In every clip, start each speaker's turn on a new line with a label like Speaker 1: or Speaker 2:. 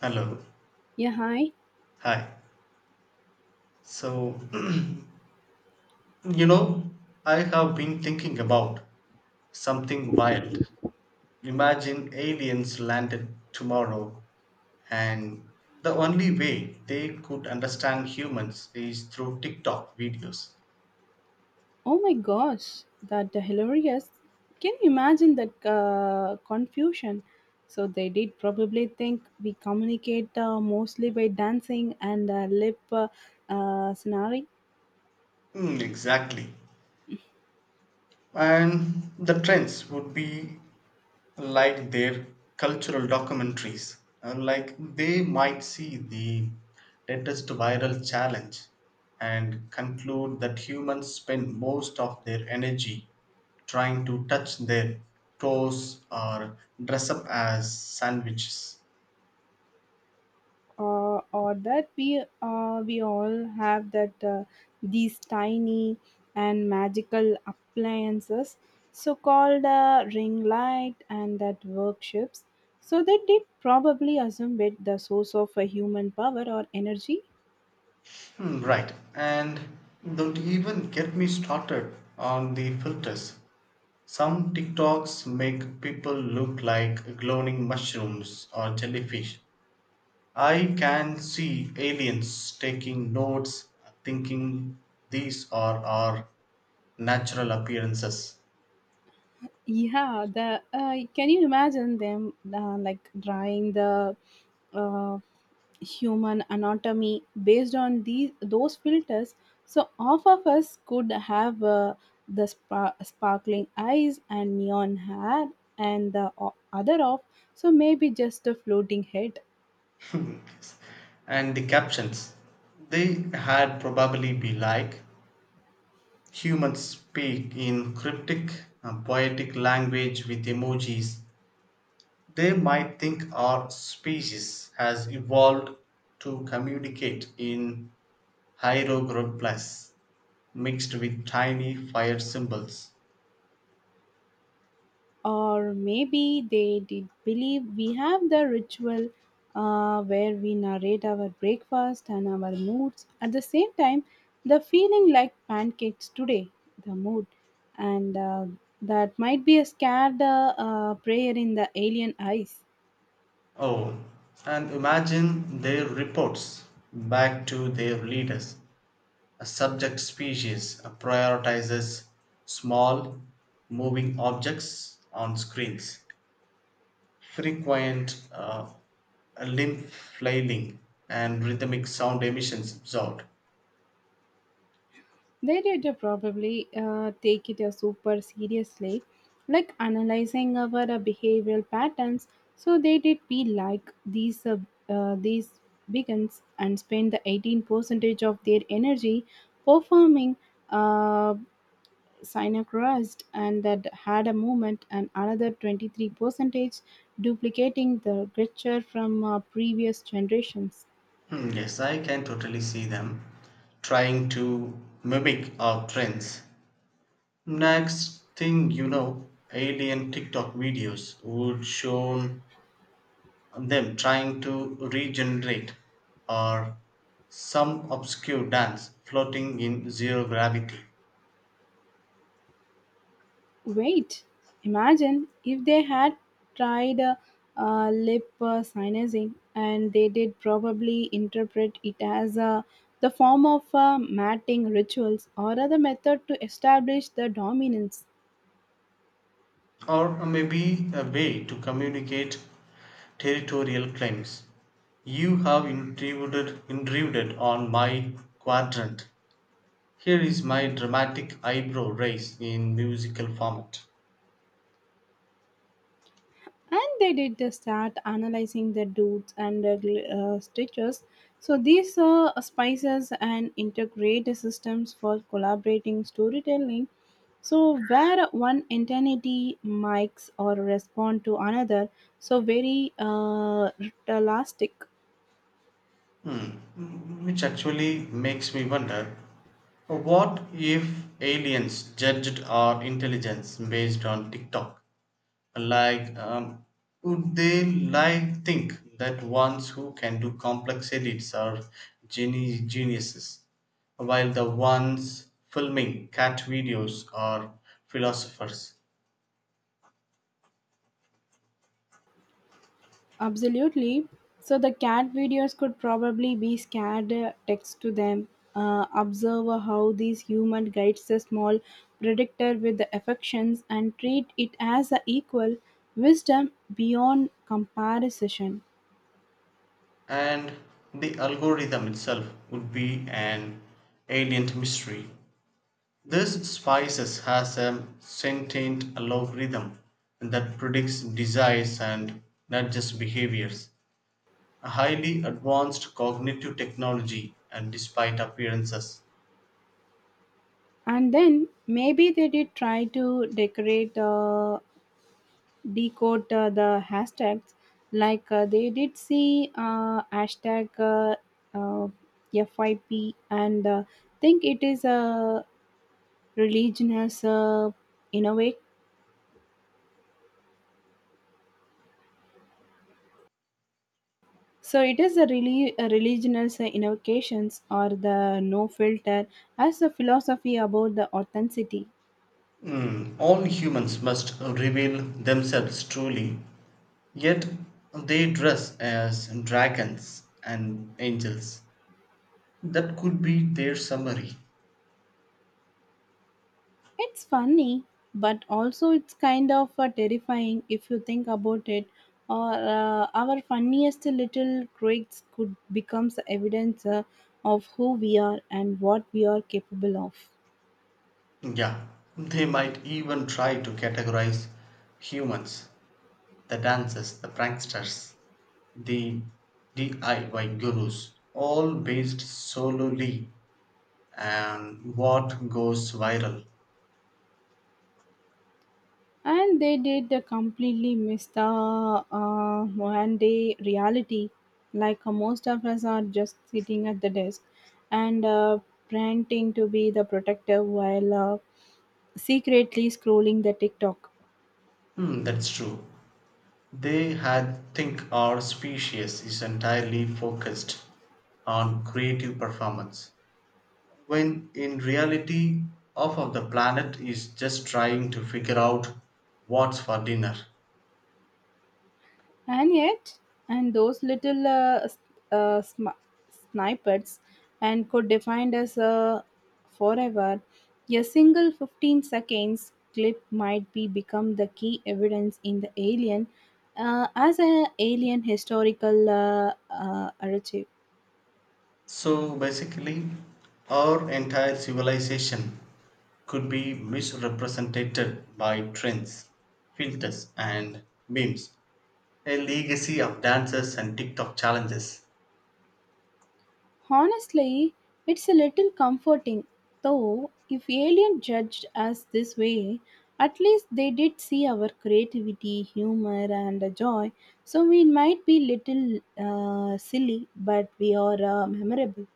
Speaker 1: Hello.
Speaker 2: Yeah, hi.
Speaker 1: Hi. So, you know, I have been thinking about something wild. Imagine aliens landed tomorrow, and the only way they could understand humans is through TikTok videos.
Speaker 2: Oh my gosh, that hilarious. Can you imagine that confusion? So they did probably think we communicate mostly by dancing and lip scenario.
Speaker 1: Hmm, exactly. And the trends would be like their cultural documentaries. Like they might see the latest viral challenge and conclude that humans spend most of their energy trying to touch their toes or dress up as sandwiches.
Speaker 2: Or that we all have that these tiny and magical appliances so called ring light and that workshops, so they did probably assume it the source of a human power or energy.
Speaker 1: Hmm, right, and don't even get me started on the filters. Some TikToks make people look like glowing mushrooms or jellyfish. I can see aliens taking notes, thinking these are our natural appearances.
Speaker 2: Yeah, the can you imagine them like drawing the uh, human anatomy based on these those filters? So half of us could have the sparkling eyes and neon hair, and the other off, so maybe just a floating head.
Speaker 1: And the captions, they had probably be like humans speak in cryptic, poetic language with emojis. They might think our species has evolved to communicate in hieroglyphs mixed with tiny fire symbols.
Speaker 2: Or maybe they did believe we have the ritual where we narrate our breakfast and our moods. At the same time, the feeling like pancakes today, the mood. And That might be a scared prayer in the alien eyes.
Speaker 1: Oh, and imagine their reports back to their leaders. A subject species prioritizes small, moving objects on screens, frequent limb flailing, and rhythmic sound emissions absorbed.
Speaker 2: They did probably take it super seriously, like analyzing our behavioral patterns. So they did be like these vegans and spend the 18 percentage of their energy performing uh, synchronized and that had a movement, and another 23 percentage duplicating the gesture from previous generations.
Speaker 1: Hmm, yes, I can totally see them trying to mimic our trends. Next thing you know, alien TikTok videos would show them trying to regenerate or some obscure dance floating in zero gravity,
Speaker 2: Wait, imagine if they had tried lip synthesis and they did probably interpret it as the form of matting rituals or other method to establish the dominance.
Speaker 1: or maybe a way to communicate territorial claims. You have intruded, intruded on my quadrant. Here is my dramatic eyebrow raise in musical format.
Speaker 2: And they did the start analyzing the roots and the stitches, so these are spices and integrate systems for collaborating storytelling, so where one entity mimics or respond to another, so very realistic.
Speaker 1: Hmm, which actually makes me wonder, what if aliens judged our intelligence based on TikTok? Like, would they like think that ones who can do complex edits are geniuses, while the ones filming cat videos are philosophers?
Speaker 2: Absolutely. So the cat videos could probably be scared text to them. Observe how these human guides the small predator with the affections and treat it as a equal wisdom beyond comparison.
Speaker 1: And the algorithm itself would be an alien mystery. This spices has a sentient algorithm that predicts desires and nudges behaviors, a highly advanced cognitive technology, and despite appearances,
Speaker 2: And then maybe they did try to decorate, decode the hashtags, like they did see hashtag uh, FYP, and think it is a religion as a in a way, so it is a really a religion as a invocations or the no filter as a philosophy about the authenticity.
Speaker 1: all humans must reveal themselves truly, yet they dress as dragons and angels. That could be their summary.
Speaker 2: It's funny but also it's kind of terrifying if you think about it, or our funniest little quirks could becomes evidence of who we are and what we are capable of.
Speaker 1: Yeah, they might even try to categorize humans. The dancers, the pranksters, the DIY gurus, all based solely on what goes viral.
Speaker 2: And they did completely miss the one day reality, like most of us are just sitting at the desk and pretending to be the protector while secretly scrolling the tiktok.
Speaker 1: Hmm, that's true. They had think our species is entirely focused on creative performance, when in reality, half of the planet is just trying to figure out what's for dinner.
Speaker 2: And yet, and those little uh, sm- snippets and could defined as a forever, a single 15 seconds clip might be become the key evidence in the alien, as an alien historical archive.
Speaker 1: So basically, our entire civilization could be misrepresented by trends, filters, and memes. A legacy of dances and TikTok challenges.
Speaker 2: Honestly, it's a little comforting, though, if alien judged us this way, at least they did see our creativity, humor, and joy, so we might be little silly, but we are memorable.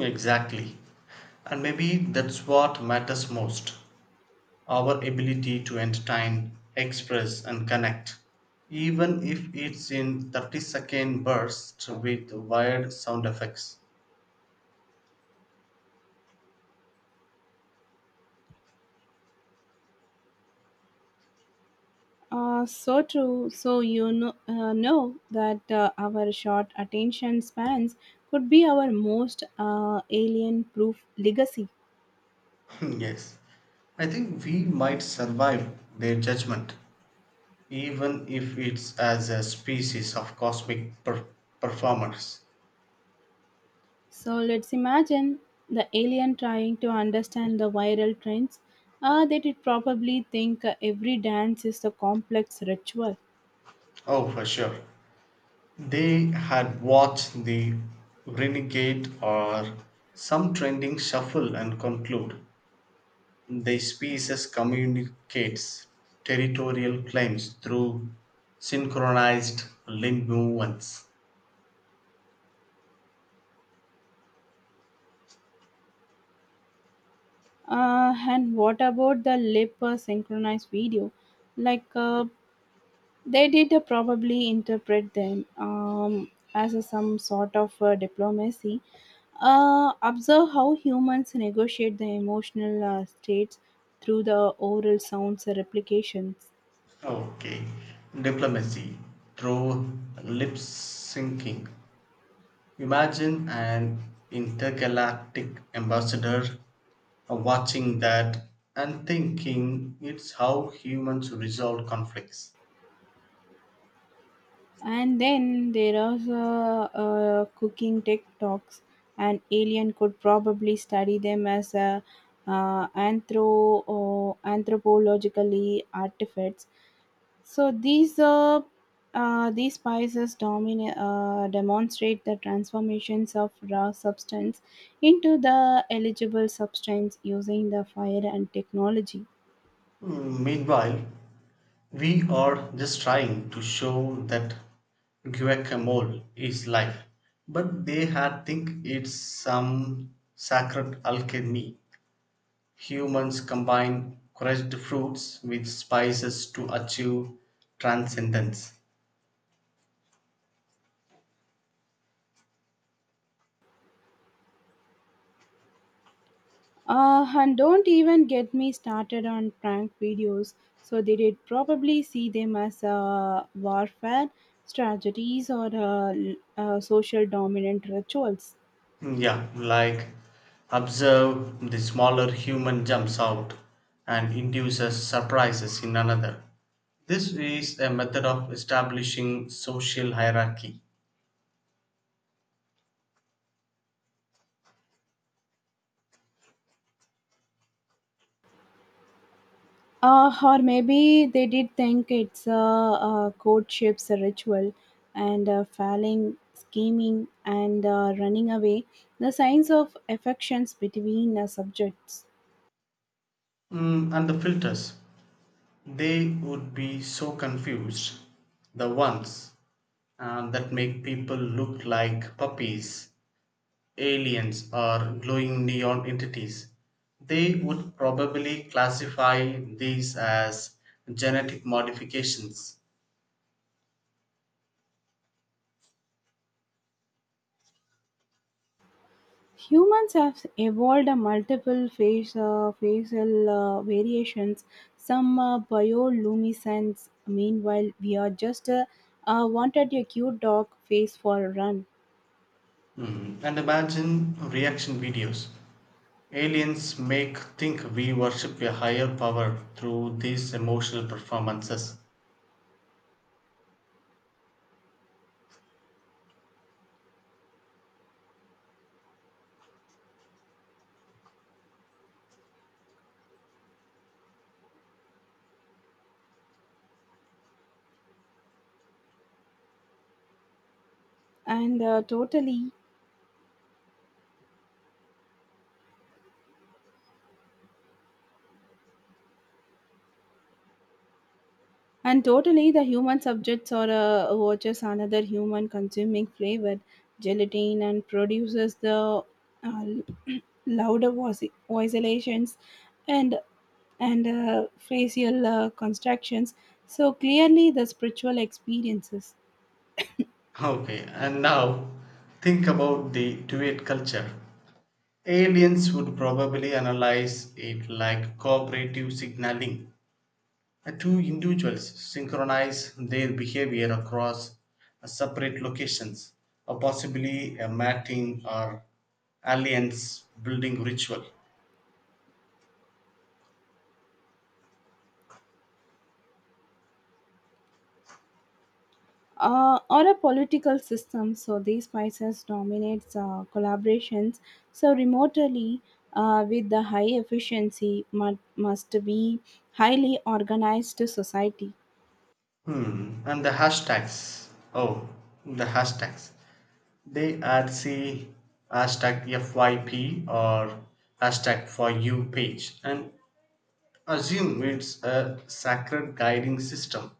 Speaker 1: Exactly. And maybe that's what matters most, our ability to entertain, express, and connect. Even if it's in 30-second bursts with wired sound effects.
Speaker 2: So true. So you know that our short attention spans could be our most alien proof legacy.
Speaker 1: Yes, I think we might survive their judgment, even if it's as a species of cosmic performers.
Speaker 2: So let's imagine the alien trying to understand the viral trends. They did probably think every dance is a complex ritual.
Speaker 1: Oh, for sure. They had watched the renegade or some trending shuffle and conclude. The species communicates territorial claims through synchronized limb movements.
Speaker 2: And what about the lip synchronized video? Like they did probably interpret them as a, some sort of diplomacy. Observe how humans negotiate the emotional states through the oral sounds replications.
Speaker 1: Okay. Diplomacy through lip syncing. Imagine an intergalactic ambassador watching that and thinking it's how humans resolve conflicts.
Speaker 2: And then there are cooking tech talks. An alien could probably study them as a, anthropologically artifacts. So these spices demonstrate the transformations of raw substance into the eligible substance using the fire and technology.
Speaker 1: Mm, meanwhile, we are just trying to show that guacamole is life, but they had think it's some sacred alchemy. Humans combine crushed fruits with spices to achieve transcendence.
Speaker 2: And don't even get me started on prank videos. So they did probably see them as warfare strategies or social dominant rituals.
Speaker 1: Hmm, yeah, like observe the smaller human jumps out and induces surprises in another. This is a method of establishing social hierarchy.
Speaker 2: Or maybe they did think it's a courtship's ritual and failing, scheming, and running away, the signs of affections between subjects.
Speaker 1: Mm, and the filters, they would be so confused. The ones that make people look like puppies, aliens, or glowing neon entities, they would probably classify these as genetic modifications.
Speaker 2: Humans have evolved a multiple face, facial variations, some bioluminescence. Meanwhile, we are just wanted a cute dog face for a run.
Speaker 1: Mm, and imagine reaction videos. Aliens make think we worship a higher power through these emotional performances.
Speaker 2: And uh, totally And totally, the human subjects or watches another human consuming flavored gelatin and produces the uh, louder voiculations and and facial constructions. So clearly, the spiritual experiences.
Speaker 1: Okay, and now think about the duet culture. Aliens would probably analyze it like cooperative signaling. Two individuals synchronize their behavior across separate locations, or possibly a mating or alliance building ritual.
Speaker 2: Uh, or a political system. So these spices dominates collaborations. So remotely with the high efficiency must be highly organized society.
Speaker 1: Hmm. And the hashtags. Oh, the hashtags. They are say hashtag FYP or hashtag for you page and assume it's a sacred guiding system.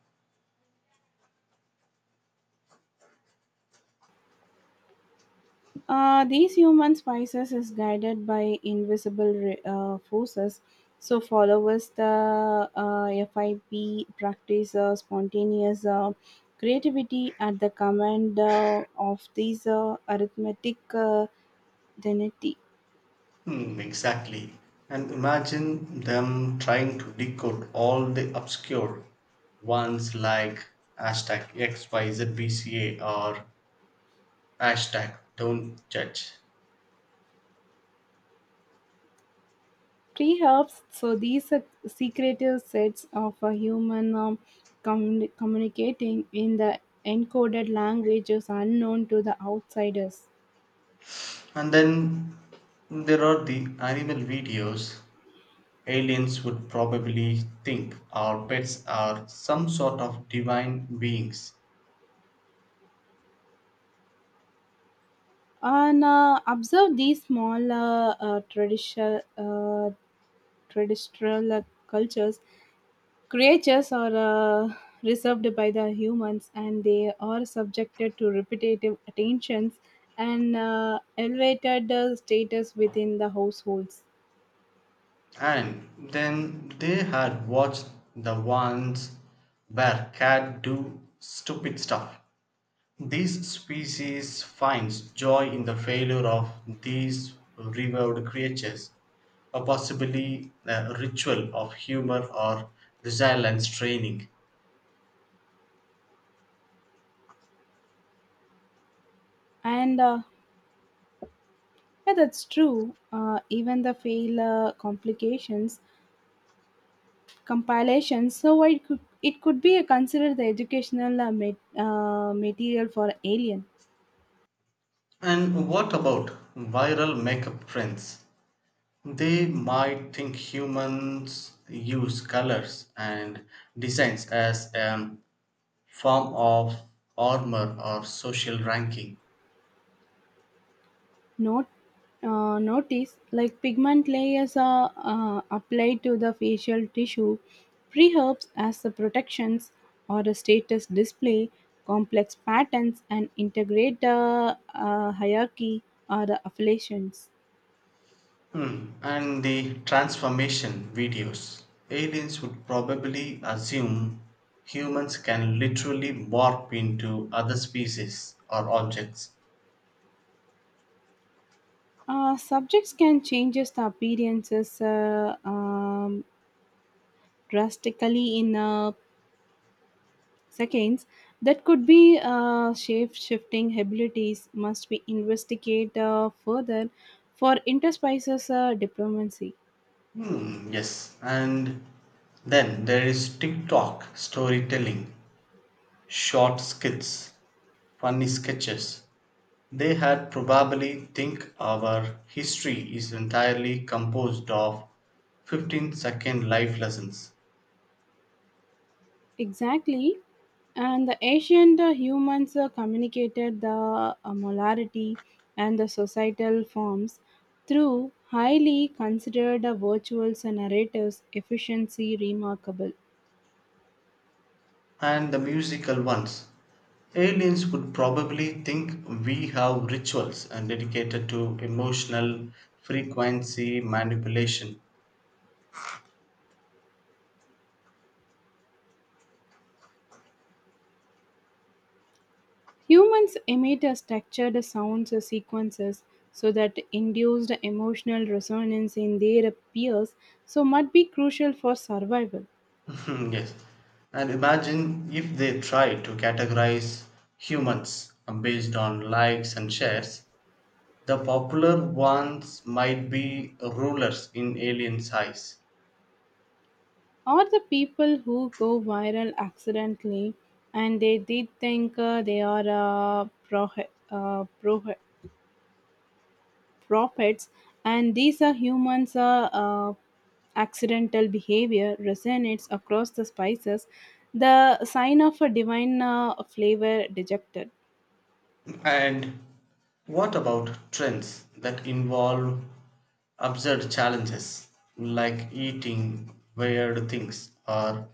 Speaker 2: These human spices is guided by invisible forces. So followers the FIP practice spontaneous creativity at the command of these arithmetic identity.
Speaker 1: Hmm, exactly. And imagine them trying to decode all the obscure ones, like hashtag XYZBCA or hashtag don't judge.
Speaker 2: Tree herbs, so these are secretive sets of a human um, communicating in the encoded languages unknown to the outsiders.
Speaker 1: And then there are the animal videos. Aliens would probably think our pets are some sort of divine beings.
Speaker 2: And observe these small traditional cultures. Creatures are reserved by the humans and they are subjected to repetitive attentions and elevated status within the households.
Speaker 1: And then they had watched the ones where cat do stupid stuff. This species finds joy in the failure of these revered creatures, or possibly a ritual of humor or resilience training.
Speaker 2: And Yeah, that's true. Even the fail complications compilations, so it could be considered the educational material for alien.
Speaker 1: And what about viral makeup trends? They might think humans use colors and designs as a form of armor or social ranking.
Speaker 2: Note Notice like pigment layers are applied to the facial tissue, preherbs as the protections or a status display, complex patterns and integrate the hierarchy or the affiliations.
Speaker 1: Hmm, and the transformation videos. Aliens would probably assume humans can literally morph into other species or objects.
Speaker 2: Subjects can change the appearances drastically in seconds. That could be shape shifting abilities must be investigated further for interspecies diplomacy.
Speaker 1: Hmm, yes. And then there is TikTok storytelling, short skits, funny sketches. They had probably think our history is entirely composed of 15-second life lessons.
Speaker 2: Exactly, and the ancient humans communicated the molarity and the societal forms through highly considered virtuals and narratives. Efficiency remarkable.
Speaker 1: And the musical ones. Aliens would probably think we have rituals and dedicated to emotional frequency manipulation.
Speaker 2: Humans emit a structured sound sequences so that induced emotional resonance in their peers, so might be crucial for survival.
Speaker 1: Yes. And imagine if they try to categorize humans based on likes and shares, the popular ones might be rulers in aliens' eyes.
Speaker 2: Or the people who go viral accidentally and they did think they are uh, pro- uh, pro- prophets, and these are humans accidental behavior resonates across the spices, the sign of a divine flavor dejected.
Speaker 1: And what about trends that involve absurd challenges like eating weird things or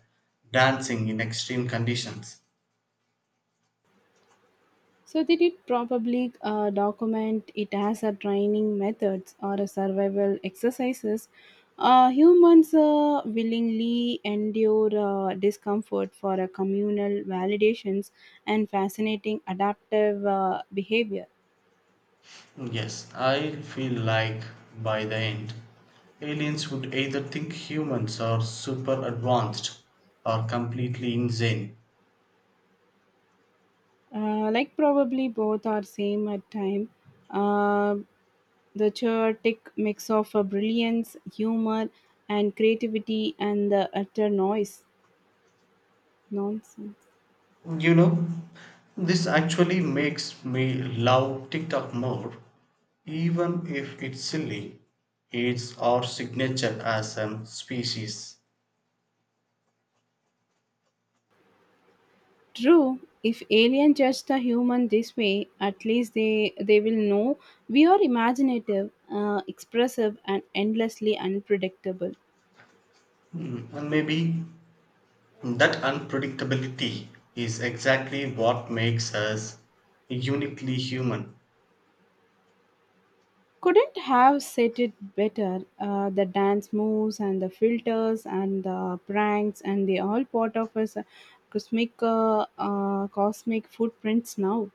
Speaker 1: dancing in extreme conditions?
Speaker 2: So they did probably document it as a training methods or a survival exercises. Humans willingly endure discomfort for a communal validations and fascinating adaptive behavior.
Speaker 1: Yes, I feel like by the end, aliens would either think humans are super advanced or completely insane.
Speaker 2: Like probably both are same at time. Uh, the chaotic mix of brilliance, humor, and creativity, and the utter noise nonsense.
Speaker 1: You know, this actually makes me love TikTok more, even if it's silly. It's our signature as a species.
Speaker 2: True, if alien judge the human this way, at least they will know we are imaginative, expressive, and endlessly unpredictable.
Speaker 1: Mm, and maybe that unpredictability is exactly what makes us uniquely human.
Speaker 2: Couldn't have said it better. The dance moves and the filters and the pranks and they all part of us cosmic footprints now.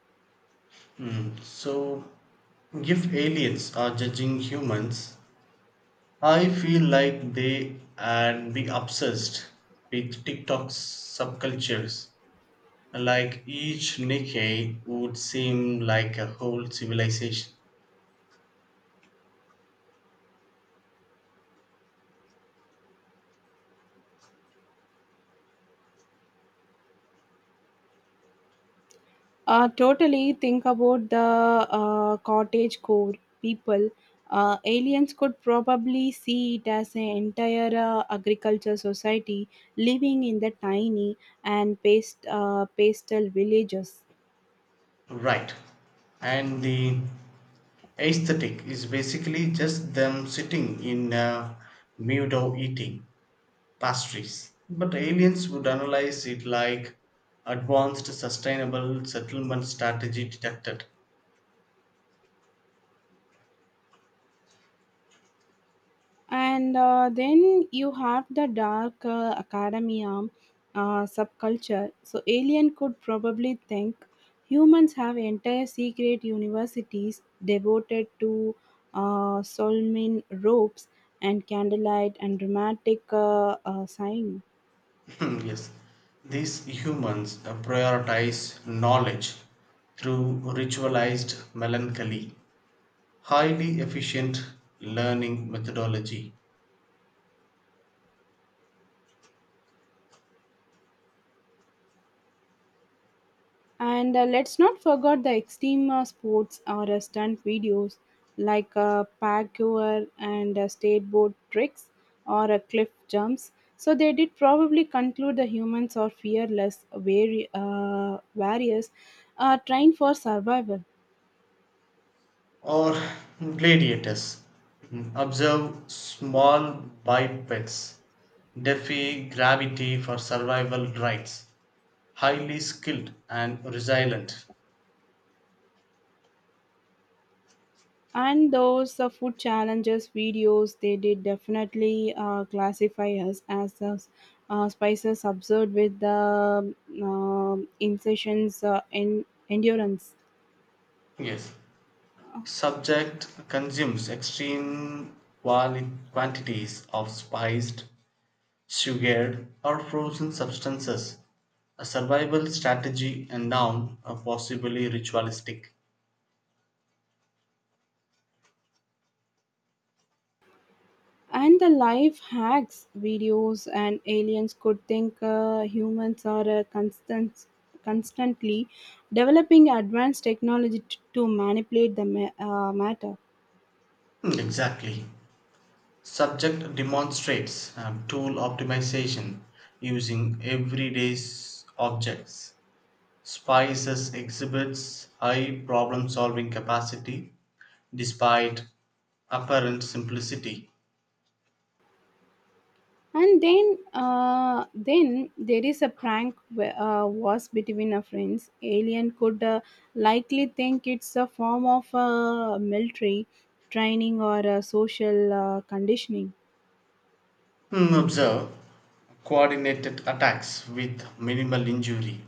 Speaker 1: Mm, so, if aliens are judging humans, I feel like they and be obsessed with TikTok's subcultures, like each Nikkei would seem like a whole civilization.
Speaker 2: Totally think about the cottage core people. Aliens could probably see it as an entire agriculture society living in the tiny and pastel villages.
Speaker 1: Right. And the aesthetic is basically just them sitting in a meadow eating pastries. But aliens would analyze it like advanced sustainable settlement strategy detected.
Speaker 2: And then you have the dark academia subculture, so alien could probably think humans have entire secret universities devoted to solmin ropes and candlelight and dramatic sign.
Speaker 1: Yes. These humans prioritize knowledge through ritualized melancholy. Highly efficient learning methodology.
Speaker 2: And Let's not forget the extreme sports or stunt videos, like parkour and skateboard tricks or cliff jumps. So they did probably conclude the humans are fearless, very various, trained for survival.
Speaker 1: Or gladiators. Observe small bipeds. Defy gravity for survival rights. Highly skilled and resilient.
Speaker 2: And those food challenges videos, they did definitely classify us as spices observed with the um, incisions in endurance.
Speaker 1: Yes. Subject consumes extreme quantities of spiced, sugared, or frozen substances. A survival strategy and noun are possibly ritualistic.
Speaker 2: And the life hacks videos and aliens could think humans are constantly developing advanced technology to manipulate the matter.
Speaker 1: Hmm, exactly. Subject demonstrates tool optimization using everyday objects. Spices exhibits high problem solving capacity despite apparent simplicity.
Speaker 2: And then there is a prank was between our friends. Alien could likely think it's a form of military training or social conditioning.
Speaker 1: Hmm, observe coordinated attacks with minimal injury.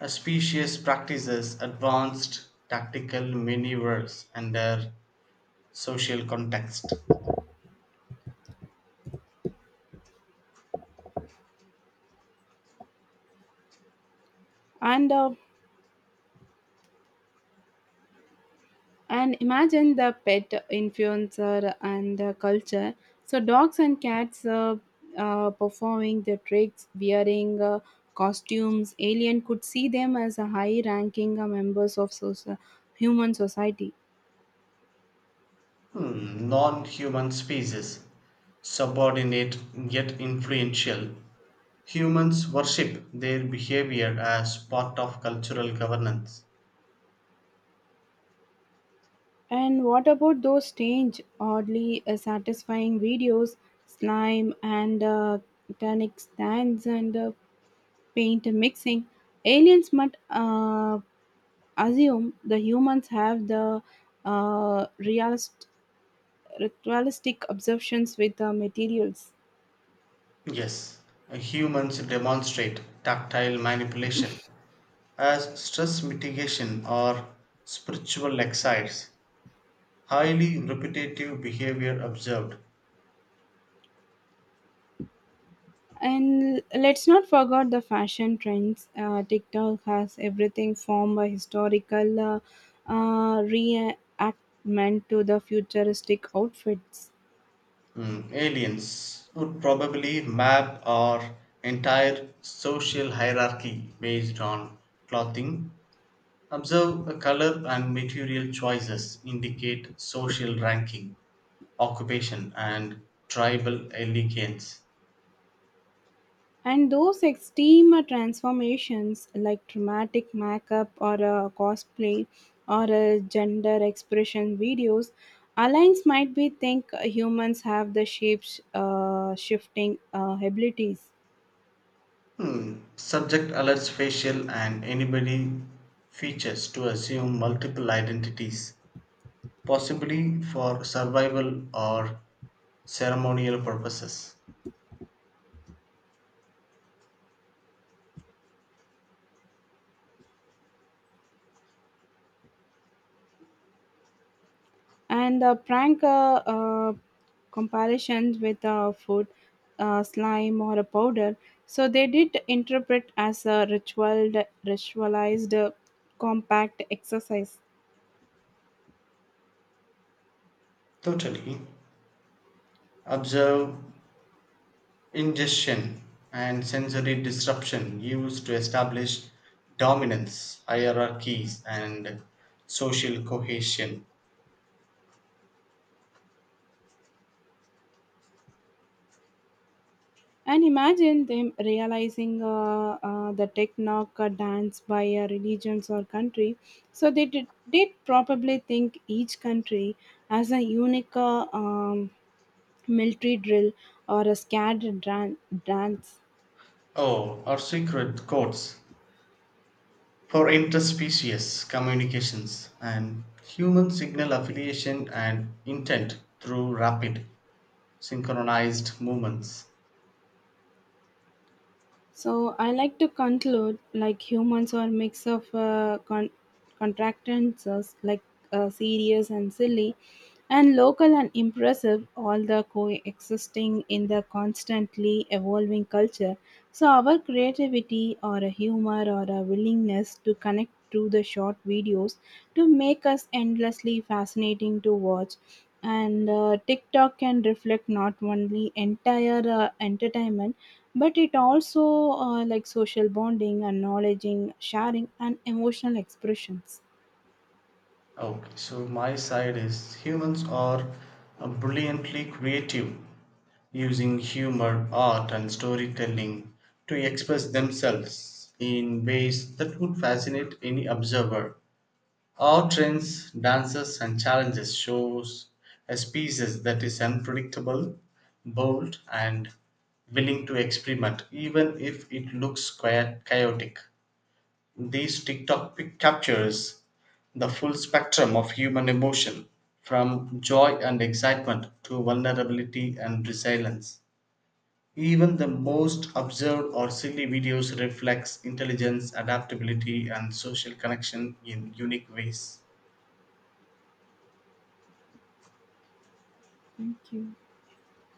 Speaker 1: A species practices advanced tactical maneuvers under social context.
Speaker 2: And uh, And imagine the pet influencer and the culture. So, dogs and cats performing their tricks, wearing costumes. Alien could see them as a high ranking members of human society.
Speaker 1: Hmm, non-human species. Subordinate yet influential. Humans worship their behavior as part of cultural governance.
Speaker 2: And what about those strange, oddly satisfying videos, slime and tannic stands and paint mixing? Aliens might assume the humans have the uh, realist, ritualistic obsessions with the materials.
Speaker 1: Yes, humans demonstrate tactile manipulation as stress mitigation or spiritual exercise. Highly repetitive behavior observed.
Speaker 2: And let's not forget the fashion trends. TikTok has everything from a historical reenactment to the futuristic outfits.
Speaker 1: Mm, aliens would probably map our entire social hierarchy based on clothing. Observe a color and material choices indicate social ranking, occupation, and tribal allegiance.
Speaker 2: And those extreme transformations, like dramatic makeup or a cosplay or a gender expression videos, alliance might be think humans have the shapes shifting abilities.
Speaker 1: Hmm. Subject alerts facial and anybody features to assume multiple identities, possibly for survival or ceremonial purposes.
Speaker 2: And the prank comparisons with food, slime, or a powder, so they did interpret as a ritualized compact exercise.
Speaker 1: Totally. Observe ingestion and sensory disruption used to establish dominance, hierarchies, and social cohesion.
Speaker 2: And imagine them realizing the techno dance by a religions or country. So they did probably think each country as a unique military drill or a scared dance.
Speaker 1: Oh, or secret codes for interspecies communications and human signal affiliation and intent through rapid synchronized movements.
Speaker 2: So I like to conclude like humans are mix of contractances, like serious and silly and local and impressive all the coexisting in the constantly evolving culture. So our creativity or a humor or a willingness to connect through the short videos to make us endlessly fascinating to watch, and TikTok can reflect not only entire entertainment, but it also like social bonding and knowledge sharing and emotional expressions.
Speaker 1: Okay, so my side is humans are brilliantly creative, using humor, art, and storytelling to express themselves in ways that would fascinate any observer. Our trends, dances, and challenges shows a species that is unpredictable, bold, and willing to experiment, even if it looks quite chaotic. These TikTok pic captures the full spectrum of human emotion, from joy and excitement to vulnerability and resilience. Even the most absurd or silly videos reflects intelligence, adaptability, and social connection in unique ways.
Speaker 2: Thank you.